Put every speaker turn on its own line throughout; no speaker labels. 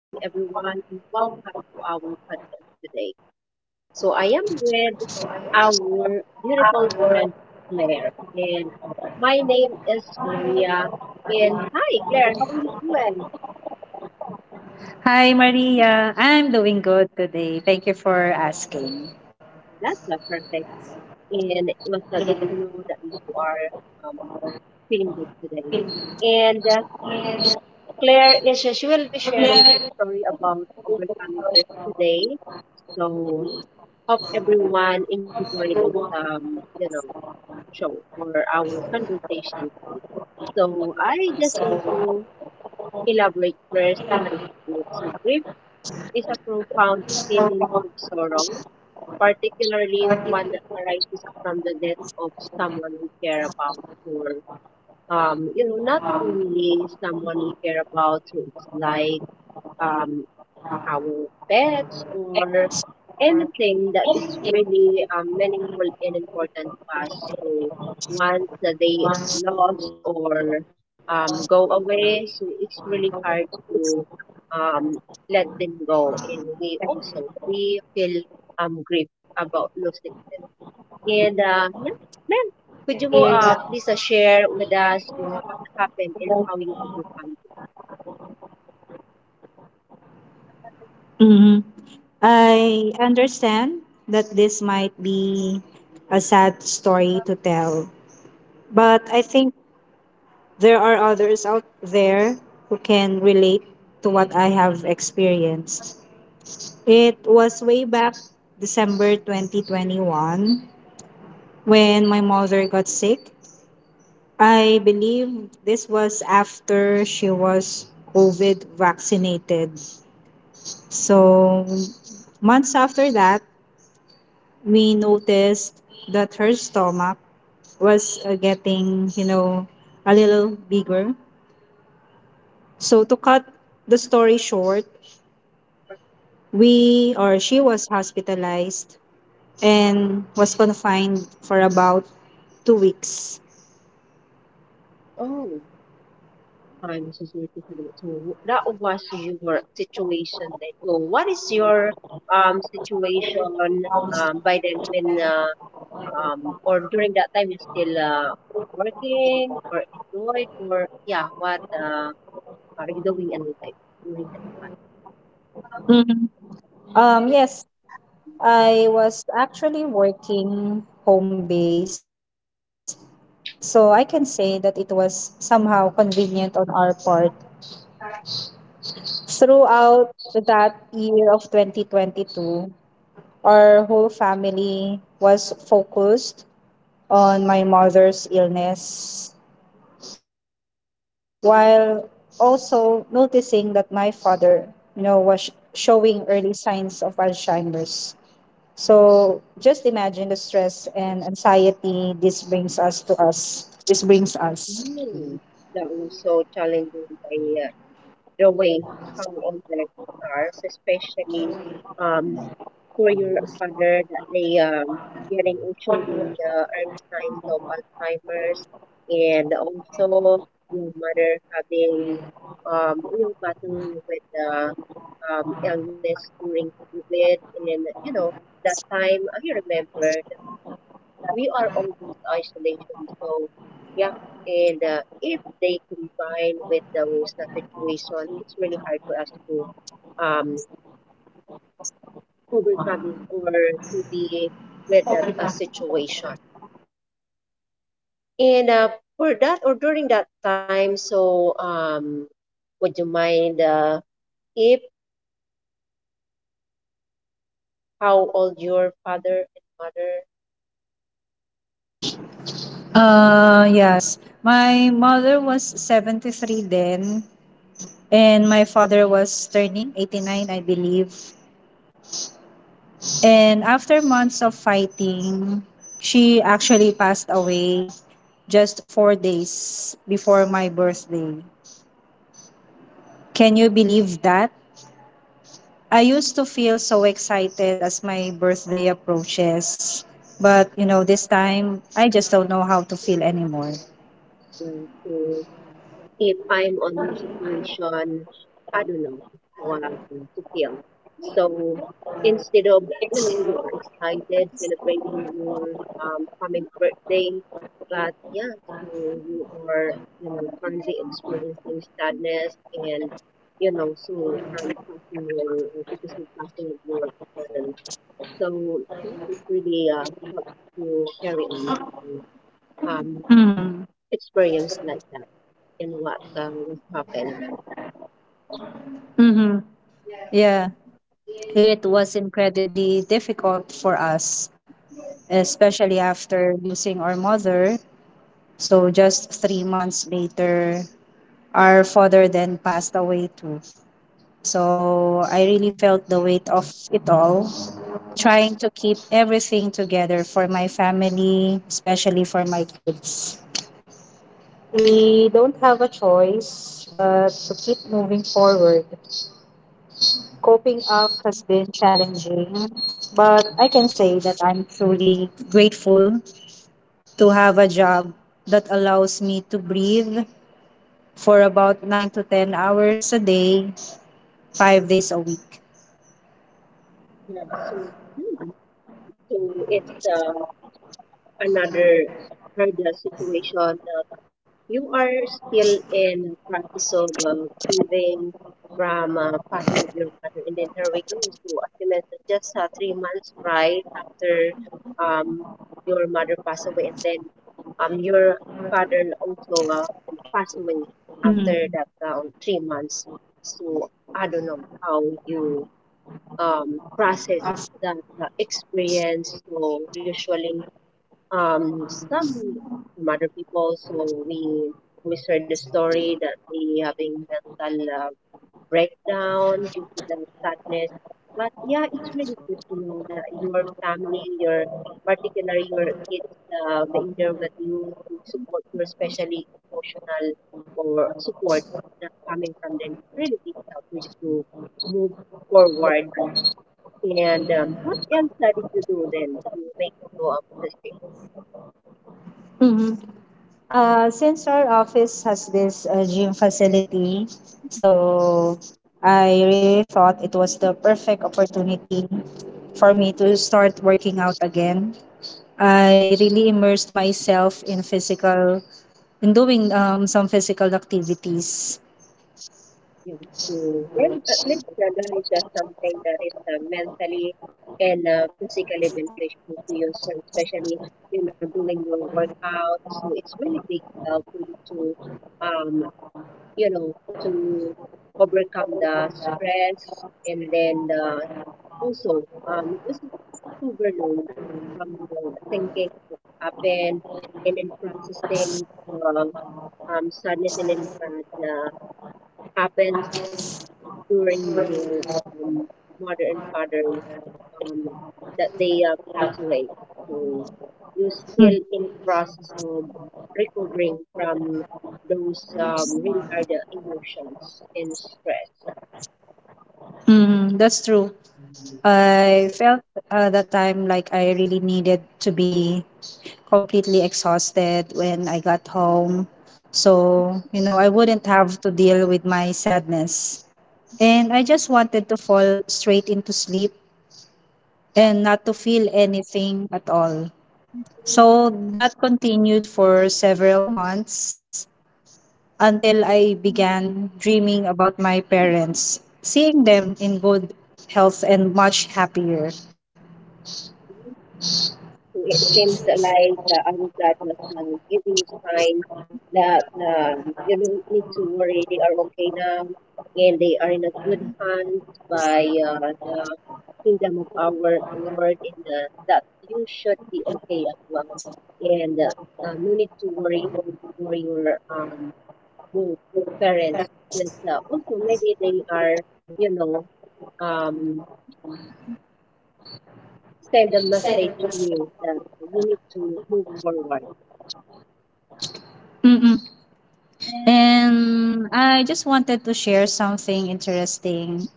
Evening, everyone, and welcome to our podcast today. So, I am with our beautiful friend Claire, and my name is Maria. And hi, Claire, how are you doing?
Hi, Maria. I'm doing good today. Thank you for asking.
That's perfect. And it was good to know that you are um, feeling good today. And Claire is she will be sharing her story about overcoming grief today. So, hope everyone enjoy this show or our conversation today. So I just want to elaborate first what is grief. So grief is a profound feeling of sorrow, particularly one that arises from the death of someone we care about, or you know, not only someone we care about, who is like um, our pets or anything that is really meaningful and important to us. So once that they lost or go away, so it's really hard to um, let them go. And we also we feel grief about losing them. And yeah, ma'am, could you please share with us on what happened and how you overcome it?
Mhm. I understand that this might be a sad story to tell, but I think there are others out there who can relate to what I have experienced. It was way back December 2021, when my mother got sick. I believe this was after she was COVID vaccinated. So, months after that, we noticed that her stomach was getting, a little bigger. So, to cut the story short, we or she was hospitalized and was confined for about 2 weeks.
Oh, time masuswerte sa naman. So, that was your situation then. So, what is your situation by then, when or during that time you still working or employed, or yeah, what are you doing in life during that
Mhm. Um,
time?
yes, I was actually working home based. So I can say that it was somehow convenient on our part. Throughout that year of 2022, our whole family was focused on my mother's illness while also noticing that my father, was showing early signs of Alzheimer's. So just imagine the stress and anxiety this brings us to us. This brings us.
Mm, that was so challenging by the way how complex stars, especially um, for your father that they getting into with the early signs of Alzheimer's, and also your mother having battling with the illness during COVID. And you know that time I remember that we are all in isolation, so yeah, and if they combine with those situations, it's really hard for us to um, overcome or to be with that situation. And for that or during that time, so would you mind if how old your father and mother.
Yes. My mother was 73 then, and my father was turning 89, I believe. And after months of fighting, she actually passed away just 4 days before my birthday. Can you believe that? I used to feel so excited as my birthday approaches. But, this time, I just don't know how to feel anymore.
To if I'm on your situation, I don't know what to feel. So instead of, you know, you are excited celebrating your coming birthday, but yeah, so you are, you know, currently experiencing sadness and, you know, so from passing your, because of passing of your burden. So yeah, it's really help to carry on um,
Mm.
experience like that and what was happened.
Mm-hmm. Yeah. It was incredibly difficult for us, especially after losing our mother. So, just 3 months later, our father then passed away too. So, I really felt the weight of it all, trying to keep everything together for my family, especially for my kids. We don't have a choice but to keep moving forward. Coping up has been challenging, but I can say that I'm truly grateful to have a job that allows me to breathe for about 9 to 10 hours a day, 5 days a week.
Yeah, so hmm, so it's another hurdle situation. You are still in practice of grieving from passing of your mother, and then here we go. So as you mentioned, just 3 months right after um your mother passed away, and then your father also passed away after
Mhm.
that 3 months. So I don't know how you process that experience. So usually, um, some some other people. So we share the story that we having mental breakdown due to the sadness. But yeah, it's really good to know that your family, your particularly your kids, being there with you to support you, especially emotional or support that coming from them. It's really big help for you to move forward. And what else I did you do then to make go of the ship?
hmm since our office has this gym facility, so I really thought it was the perfect opportunity for me to start working out again. I really immersed myself in physical and doing some physical activities.
You to well, at least there is something that is mentally and physically beneficial to you. So especially you know doing your workout, so it's really big help for you to um, you know to overcome the stress and then the also, this is it overload from your thinking what happened, and then processing the sadness and impact that happens during your um, mother and father um, that they pass away. So you're
Mm.
still in a process of recovering from those really hard emotions and stress.
Mm, that's true. I felt that time like I really needed to be completely exhausted when I got home. So, I wouldn't have to deal with my sadness. And I just wanted to fall straight into sleep and not to feel anything at all. So that continued for several months, until I began dreaming about my parents, seeing them in good health and much happier.
It seems like our God was giving you signs that you don't need to worry. They are okay now, and they are in a good hands by the kingdom of our Lord, and that you should be okay as well, and no need to worry for your both parents, because also maybe they are you know um send a message to you that you need to move forward.
Mm-mm. And I just wanted to share something interesting.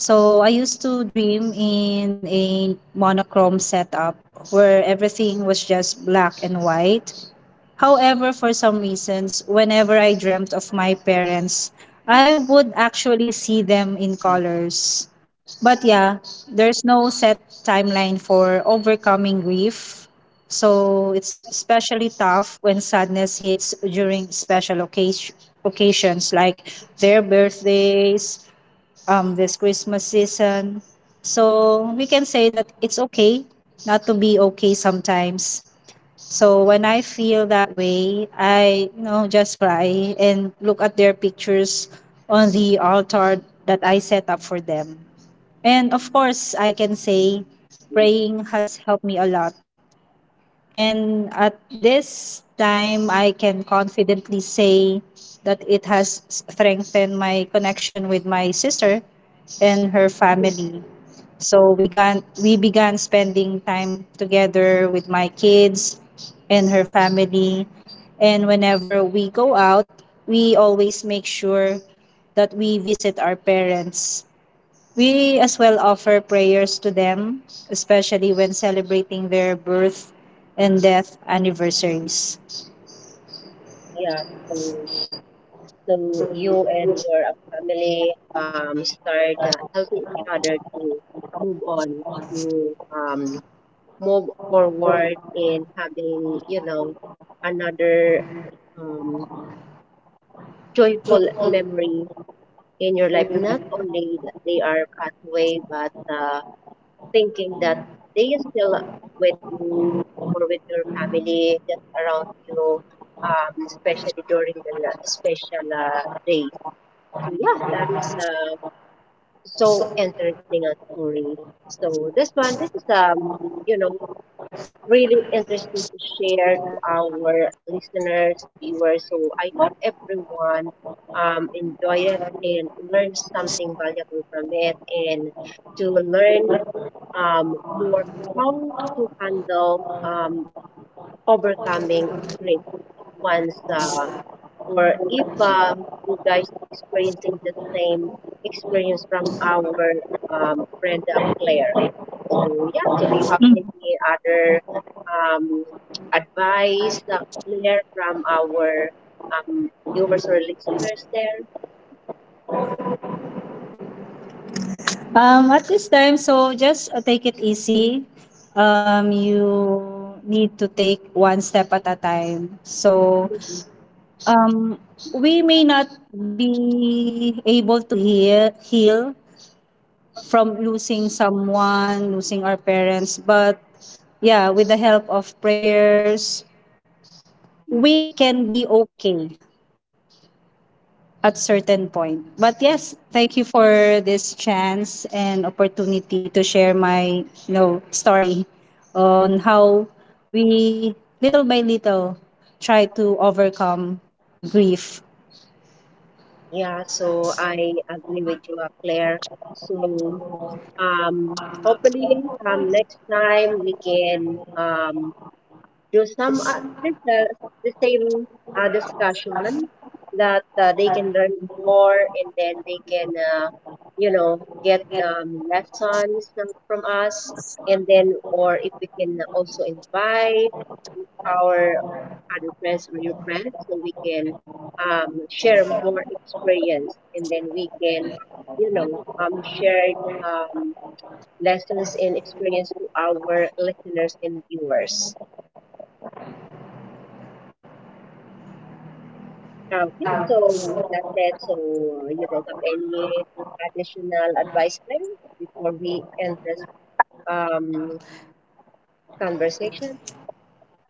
So I used to dream in a monochrome setup where everything was just black and white. However, for some reasons, whenever I dreamt of my parents, I would actually see them in colors. But yeah, there's no set timeline for overcoming grief. So it's especially tough when sadness hits during special occasions like their birthdays, this Christmas season. So we can say that it's okay not to be okay sometimes, so when I feel that way, I just cry and look at their pictures on the altar that I set up for them. And of course, I can say praying has helped me a lot. And at this time, I can confidently say that it has strengthened my connection with my sister and her family. So we began spending time together with my kids and her family. And whenever we go out, we always make sure that we visit our parents. We as well offer prayers to them, especially when celebrating their birth and death anniversaries.
Yeah, so so you and your family start helping each other to move on, to move forward in having you know another um joyful memory in your life, not only that they are passed away, but thinking that they are still with you or with your family, just around you, especially during the special days. So yeah, that is so interesting a story. So this one, this is you know, really interesting to share to our listeners, viewers. So I hope everyone enjoy it and learn something valuable from it, and to learn more how to handle overcoming grief once or if you guys experiencing the same experience from our friend Claire. So yeah, so do you have
Mm.
any other um, advice, Claire, from our um, viewers or listeners there?
At this time, so just take it easy. You need to take one step at a time. So
Mhm.
um, we may not be able to heal from losing someone, losing our parents, but yeah, with the help of prayers, we can be okay at certain point. But yes, thank you for this chance and opportunity to share my story on how we little by little try to overcome grief.
Yeah, so I agree with you, Claire. So hopefully next time we can to sum up this the same discussion that they can learn more, and then they can uh, you know get lessons from us, and then or if we can also invite our other friends or your friends, so we can share more experience, and then we can you know share um, lessons and experience to our listeners and viewers. Okay, so that's it. So you don't have any additional advice, Claire, before we end this um, conversation?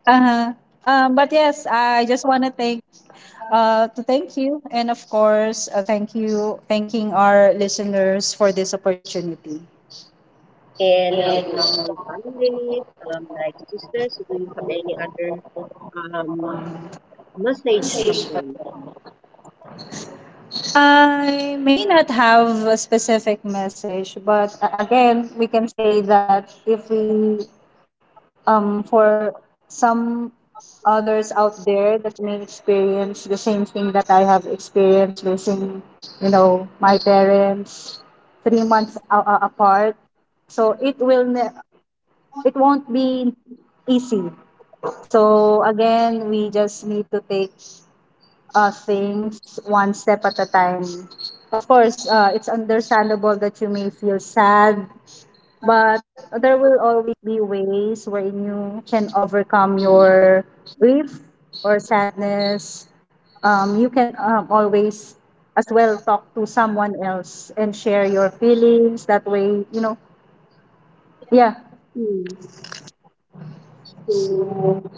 Uh-huh. But yes, I just want to thank you and of course thanking our listeners for this opportunity.
And how about your family, like sisters? Do you have any other um, message from them?
I may not have a specific message, but again, we can say that if we for some others out there that may experience the same thing that I have experienced losing, my parents 3 months apart. So it won't be easy. So again, we just need to take things one step at a time. Of course, it's understandable that you may feel sad, but there will always be ways wherein you can overcome
Mm,
your grief or sadness. You can always as well talk to someone else and share your feelings. That way, yeah.
mm. So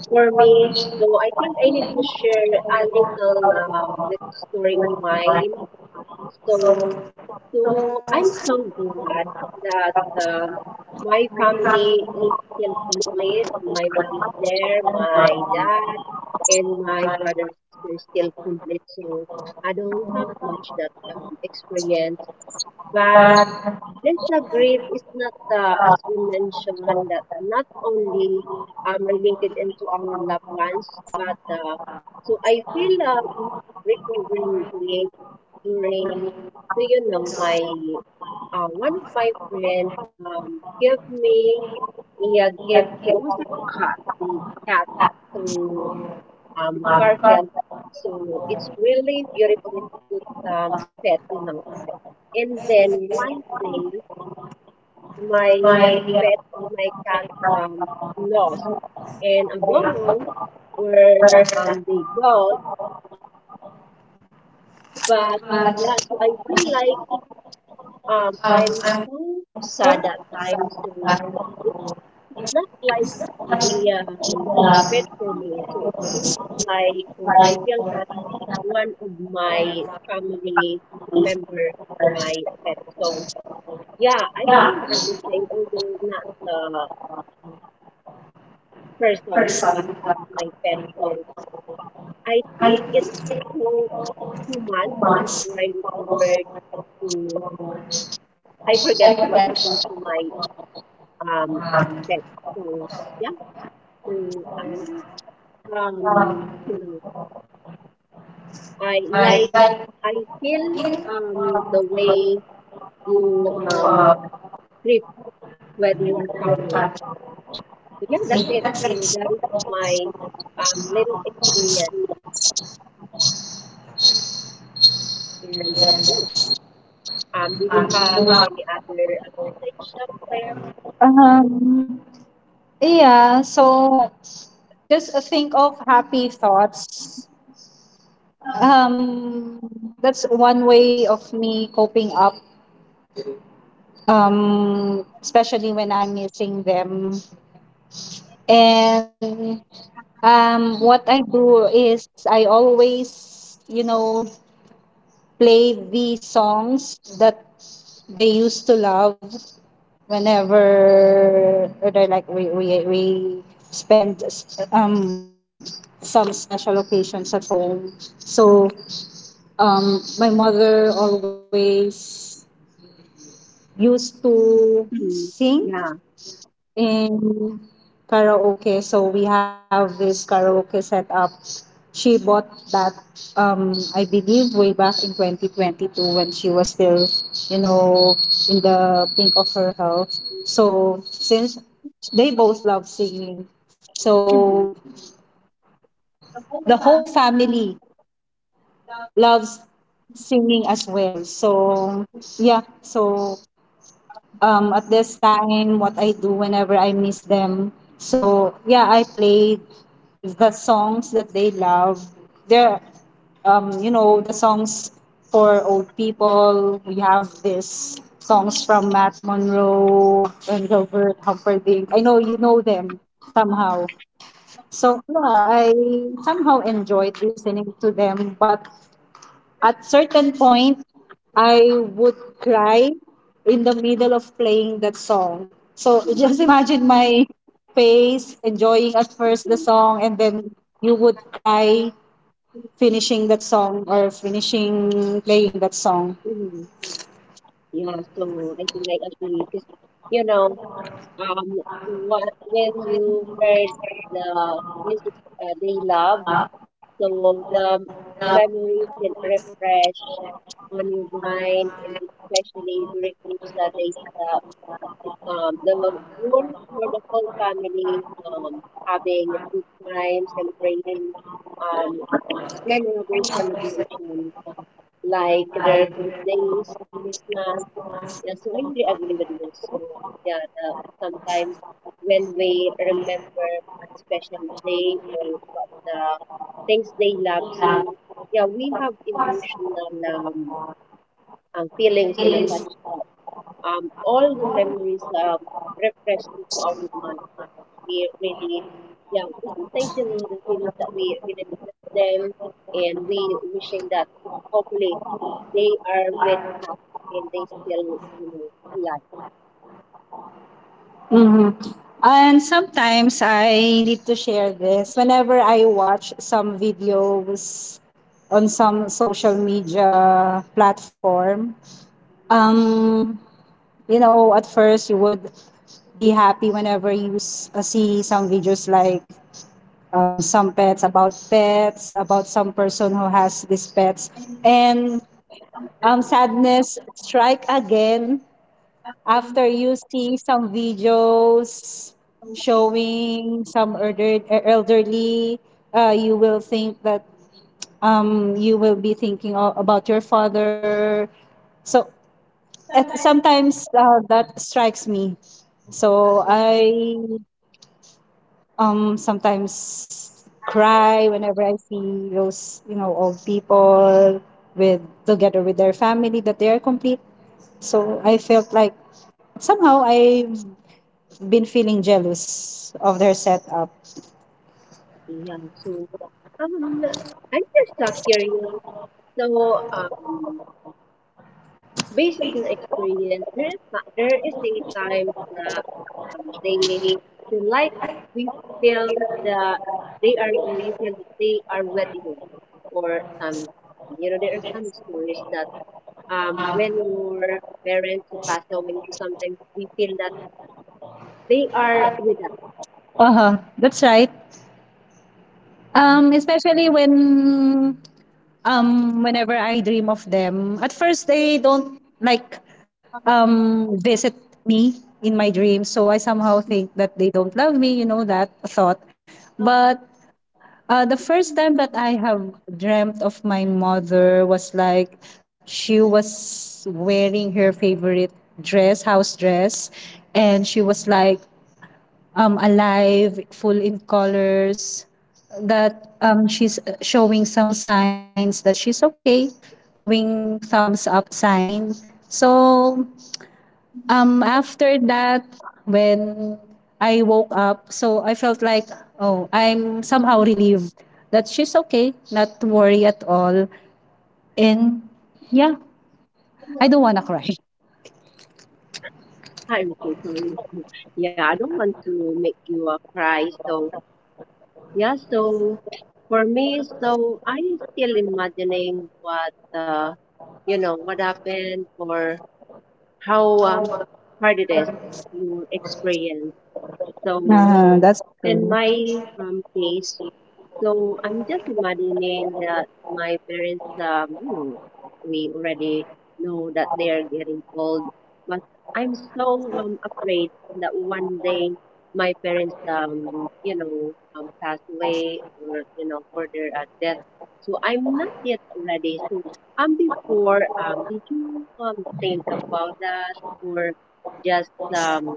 for me, so I think I need to share a little bit story of mine. So So I'm so glad that my family is still complete. My mom is there, my dad, and my brother is still complete. So I don't have much that experience. But let's agree is not, as we mentioned, that not only related into our loved ones, but so I feel recovering grief during, so you know, my one of my friends gave me a gift. So it was a cat, the cat, to Garfield. So it's really beautiful. It's a good pet, you know. And then one day, my uh, pet or my cat um, lost, and I don't know where they go, but yeah, so I feel like I'm too sad at times, so it's it's not like a um fit for me. So it looks like, or I feel that one of my family member my pet. So yeah, I feel the same, although not the uh, person but as my pet. So I think it took 2 months before I recovered to I forget what happened to my um pet. So yeah. So I, um, you know, I like, I feel the way you grip when you're traveling. So yeah, that's it. So that is my little experience. And hmm, do you have any other things up there?
Um, Yeah, so just think of happy thoughts. Um, that's one way of me coping up, especially when I'm missing them. And what I do is I always, play the songs that they used to love whenever they're like we spend um some special occasions at home. So my mother always used to
Mhm.
sing
Yeah.
in karaoke. So we have this karaoke setup. She bought that, I believe, way back in 2022 when she was still, you know, in the pink of her health. So since they both love singing, so
Mm-hmm. Hmm.
the whole family loves singing as well. So yeah, so at this time what I do whenever I miss them. So yeah, I played the songs that they love. They're the songs for old people. We have this songs from Matt Monroe and Robert Humperdinck. I know you know them somehow. So yeah, I somehow enjoyed listening to them, but at certain point, I would cry in the middle of playing that song. So just imagine my face enjoying at first the song and then you would cry finishing that song or finishing playing that song.
Yeah. So I think I agree, because you know um, what, when you heard the music they love, so the memories can refresh on your mind, and especially during those days that the room for the whole family having a good time, celebrating um, memorable celebrations like their birthdays, Christmas, yeah, so I really agree with you. So yeah, the, sometimes when we remember a special day or what the things they love, so yeah, we have emotional um, feelings in a touch that all the memories refresh into our mind. We really yeah, so sometimes you know the feelings that we really miss them, and we wishing that hopefully they are with us and they still you know alive.
hmm And sometimes I need to share this whenever I watch some videos on some social media platform. Um, at first you would be happy whenever you see some videos like some pets about some person who has these pets and sadness strike again after you see some videos showing some elderly. You will think that you will be thinking about your father, so sometimes that strikes me, so I sometimes cry whenever I see those old people with together with their family that they are complete. So I felt like somehow I've been feeling jealous of their setup.
Yeah, so um, I'm just curious. So, um, based on your experience, there is not, there is a time that they feel like we feel that they are, or you feel that they are letting go, or some, you know, there are some stories that when your parents who pass away, so sometimes we feel that they are with us.
Uh huh. That's right. Especially whenever I dream of them, at first they don't like visit me in my dreams. So I somehow think that they don't love me. You know that thought, but the first time that I have dreamt of my mother was like she was wearing her favorite house dress, and she was like alive, full in colors, that she's showing some signs that she's okay, doing thumbs up sign. So after that, when I woke up, so I felt like, oh, I'm somehow relieved that she's okay, not to worry at all. And yeah, I don't want to cry.
I'm so sorry. Yeah, I don't want to make you cry, so. Yeah, so for me, so I'm still imagining what you know what happened or how hard it is to experience. So
That's
in
true.
my case, so I'm just imagining that my parents, you know, we already know that they are getting old, but I'm so afraid that one day my parents, you know, pass away, or you know, further at death. So I'm not yet ready. So before, did you think about that, or just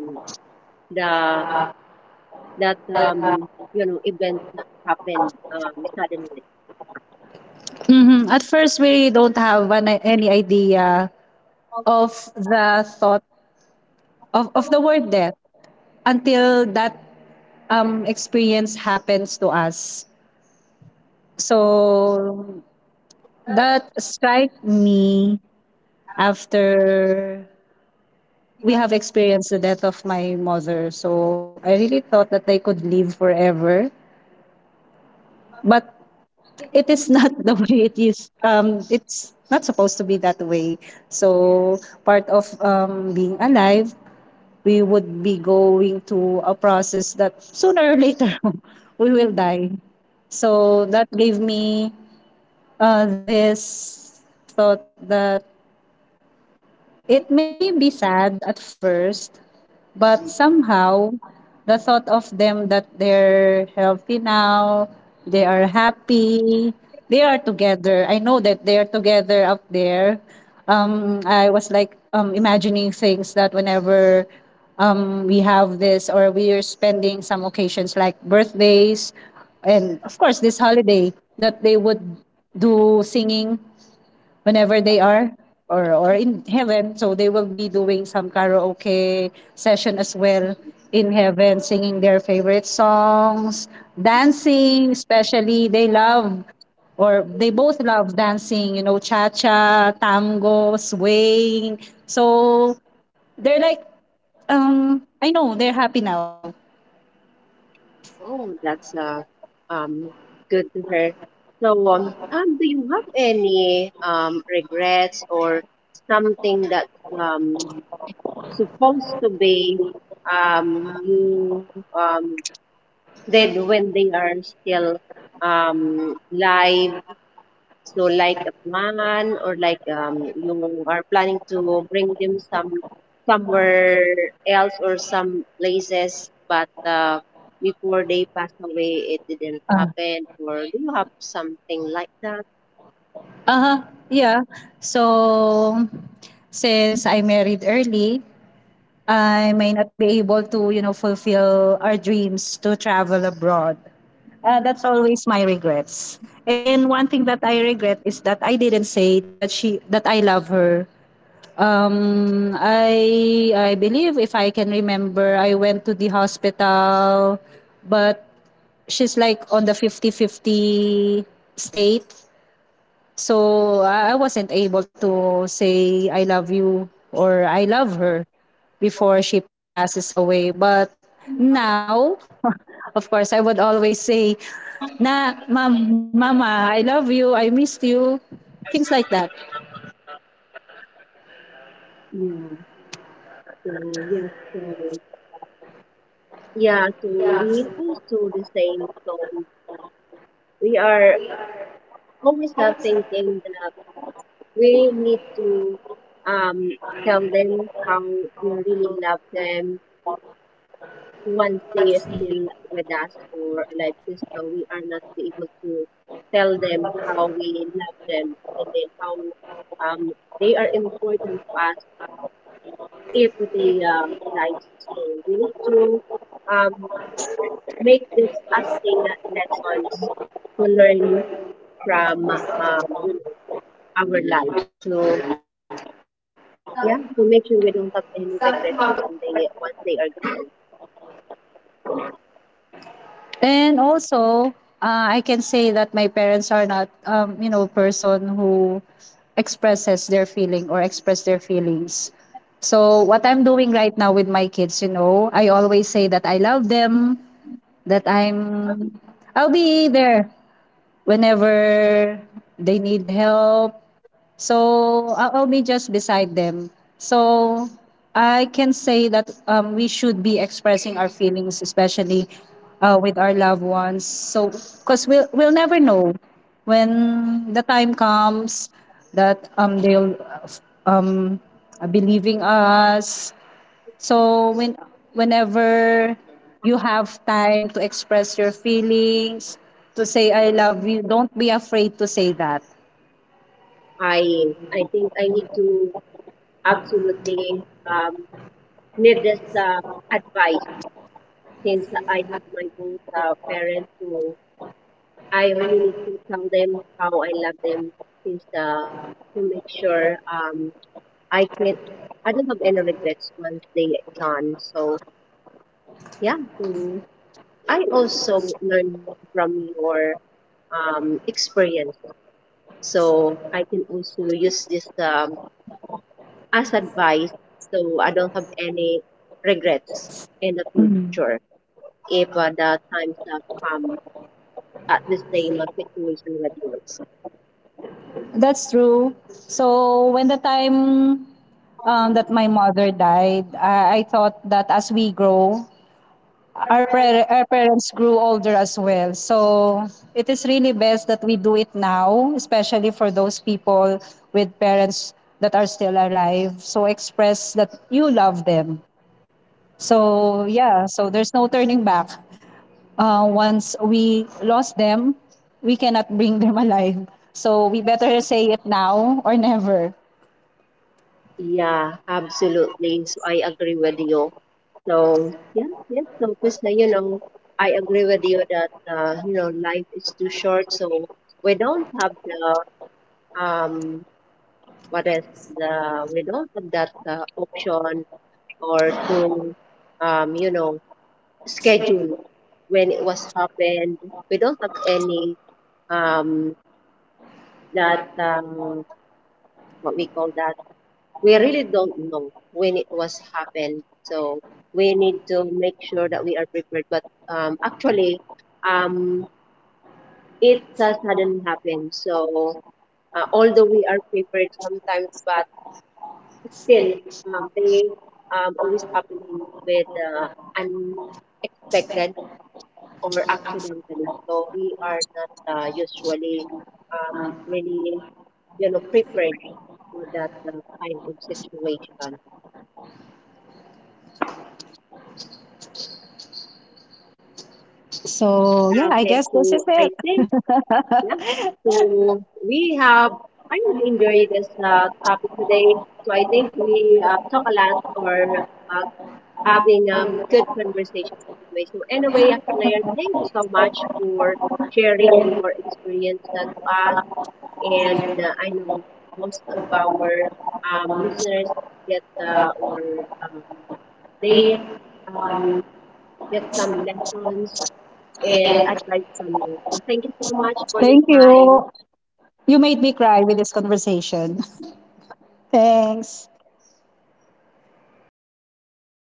the that you know events happen suddenly?
At first, we really don't have any idea of the thought of the word death until that experience happens to us. So that strike me after we have experienced the death of my mother. So I really thought that I could live forever, but it is not the way it is. It's not supposed to be that way. So part of being alive, we would be going to a process that sooner or later we will die. So that gave me this thought that it may be sad at first, but somehow the thought of them that they're healthy now, they are happy, they are together. I know that they are together out there. I was like imagining things that whenever we have this or we are spending some occasions like birthdays and of course this holiday, that they would do singing whenever they are or in heaven, so they will be doing some karaoke session as well in heaven, singing their favorite songs, dancing. Especially they love or they both love dancing, cha-cha, tango, swaying. So they're like, I know they're happy now.
Oh, that's um good to hear. So, do you have any regrets or something that um supposed to be you did when they are still live, so like a plan, or like you are planning to bring them some somewhere else or some places, but before they pass away, it didn't
Ah.
happen. Or do you have something like that?
Uh-huh. Yeah, so since I married early, I may not be able to, fulfill our dreams to travel abroad. That's always my regrets. And one thing that I regret is that I didn't say that she that I love her. I believe, if I can remember, I went to the hospital, but she's like on the fifty-fifty state. So I wasn't able to say I love you or I love her before she passes away. But now, of course, I would always say, na, ma'am, mama, I love you, I missed you, things like that.
Yeah. So yes. So yeah. So we also the same. So we are always thinking that we need to um tell them how we really love them once they are still with us or alive, this now we are not be able to tell them how we love them, and then how um, they are important to us if they die. So we need to um, make this as a lessons to learn from you know our life. So yeah, to make sure we don't have any regrets when they once they are gone.
And also, I can say that my parents are not, person who expresses their feeling or express their feelings. So what I'm doing right now with my kids, I always say that I love them, that I'll be there whenever they need help. So I'll be just beside them. So I can say that we should be expressing our feelings, especially with our loved ones. So because we'll never know when the time comes that they'll believing us. So whenever you have time to express your feelings, to say I love you, don't be afraid to say that.
I I think I need to absolutely um, need this advice, since I have my both parents who I really need to tell them how I love them, since to make sure I can I don't have any regrets once they are gone. So yeah, mm, I also learn from your experience, so I can also use this as advice, so I don't have any regrets in the
Mm.
future if the times have come at the same situation with yours.
That's true. So when the time that my mother died, I thought that as we grow, our parents grew older as well. So it is really best that we do it now, especially for those people with parents that are still alive. So express that you love them. So yeah, so there's no turning back. Once we lost them, we cannot bring them alive. So we better say it now or never.
Yeah, absolutely. So I agree with you. So yeah, yeah. So because you know, I agree with you that you know life is too short. So we don't have the um what is the we don't have that option or to you know schedule when it was happened. We don't have any um that what we call that we really don't know when it was happened. So we need to make sure that we are prepared. But actually, um, it suddenly happened. So although we are prepared sometimes, but still they always happening with unexpected or accidentally. So we are not usually really you know prepared for that kind of situation.
So yeah, I
Okay,
guess this is
so I
it.
think. Yeah. So we have, I really enjoyed this topic today. So I think we talk a lot, or uh, having a good conversation today. So anyway, Claire, thank you so much for sharing your experience to us. And I know most of our listeners get or um, they um, get some lessons and advice from you. So thank you so much for your
Thank
time.
you. You made me cry with this conversation. Thanks.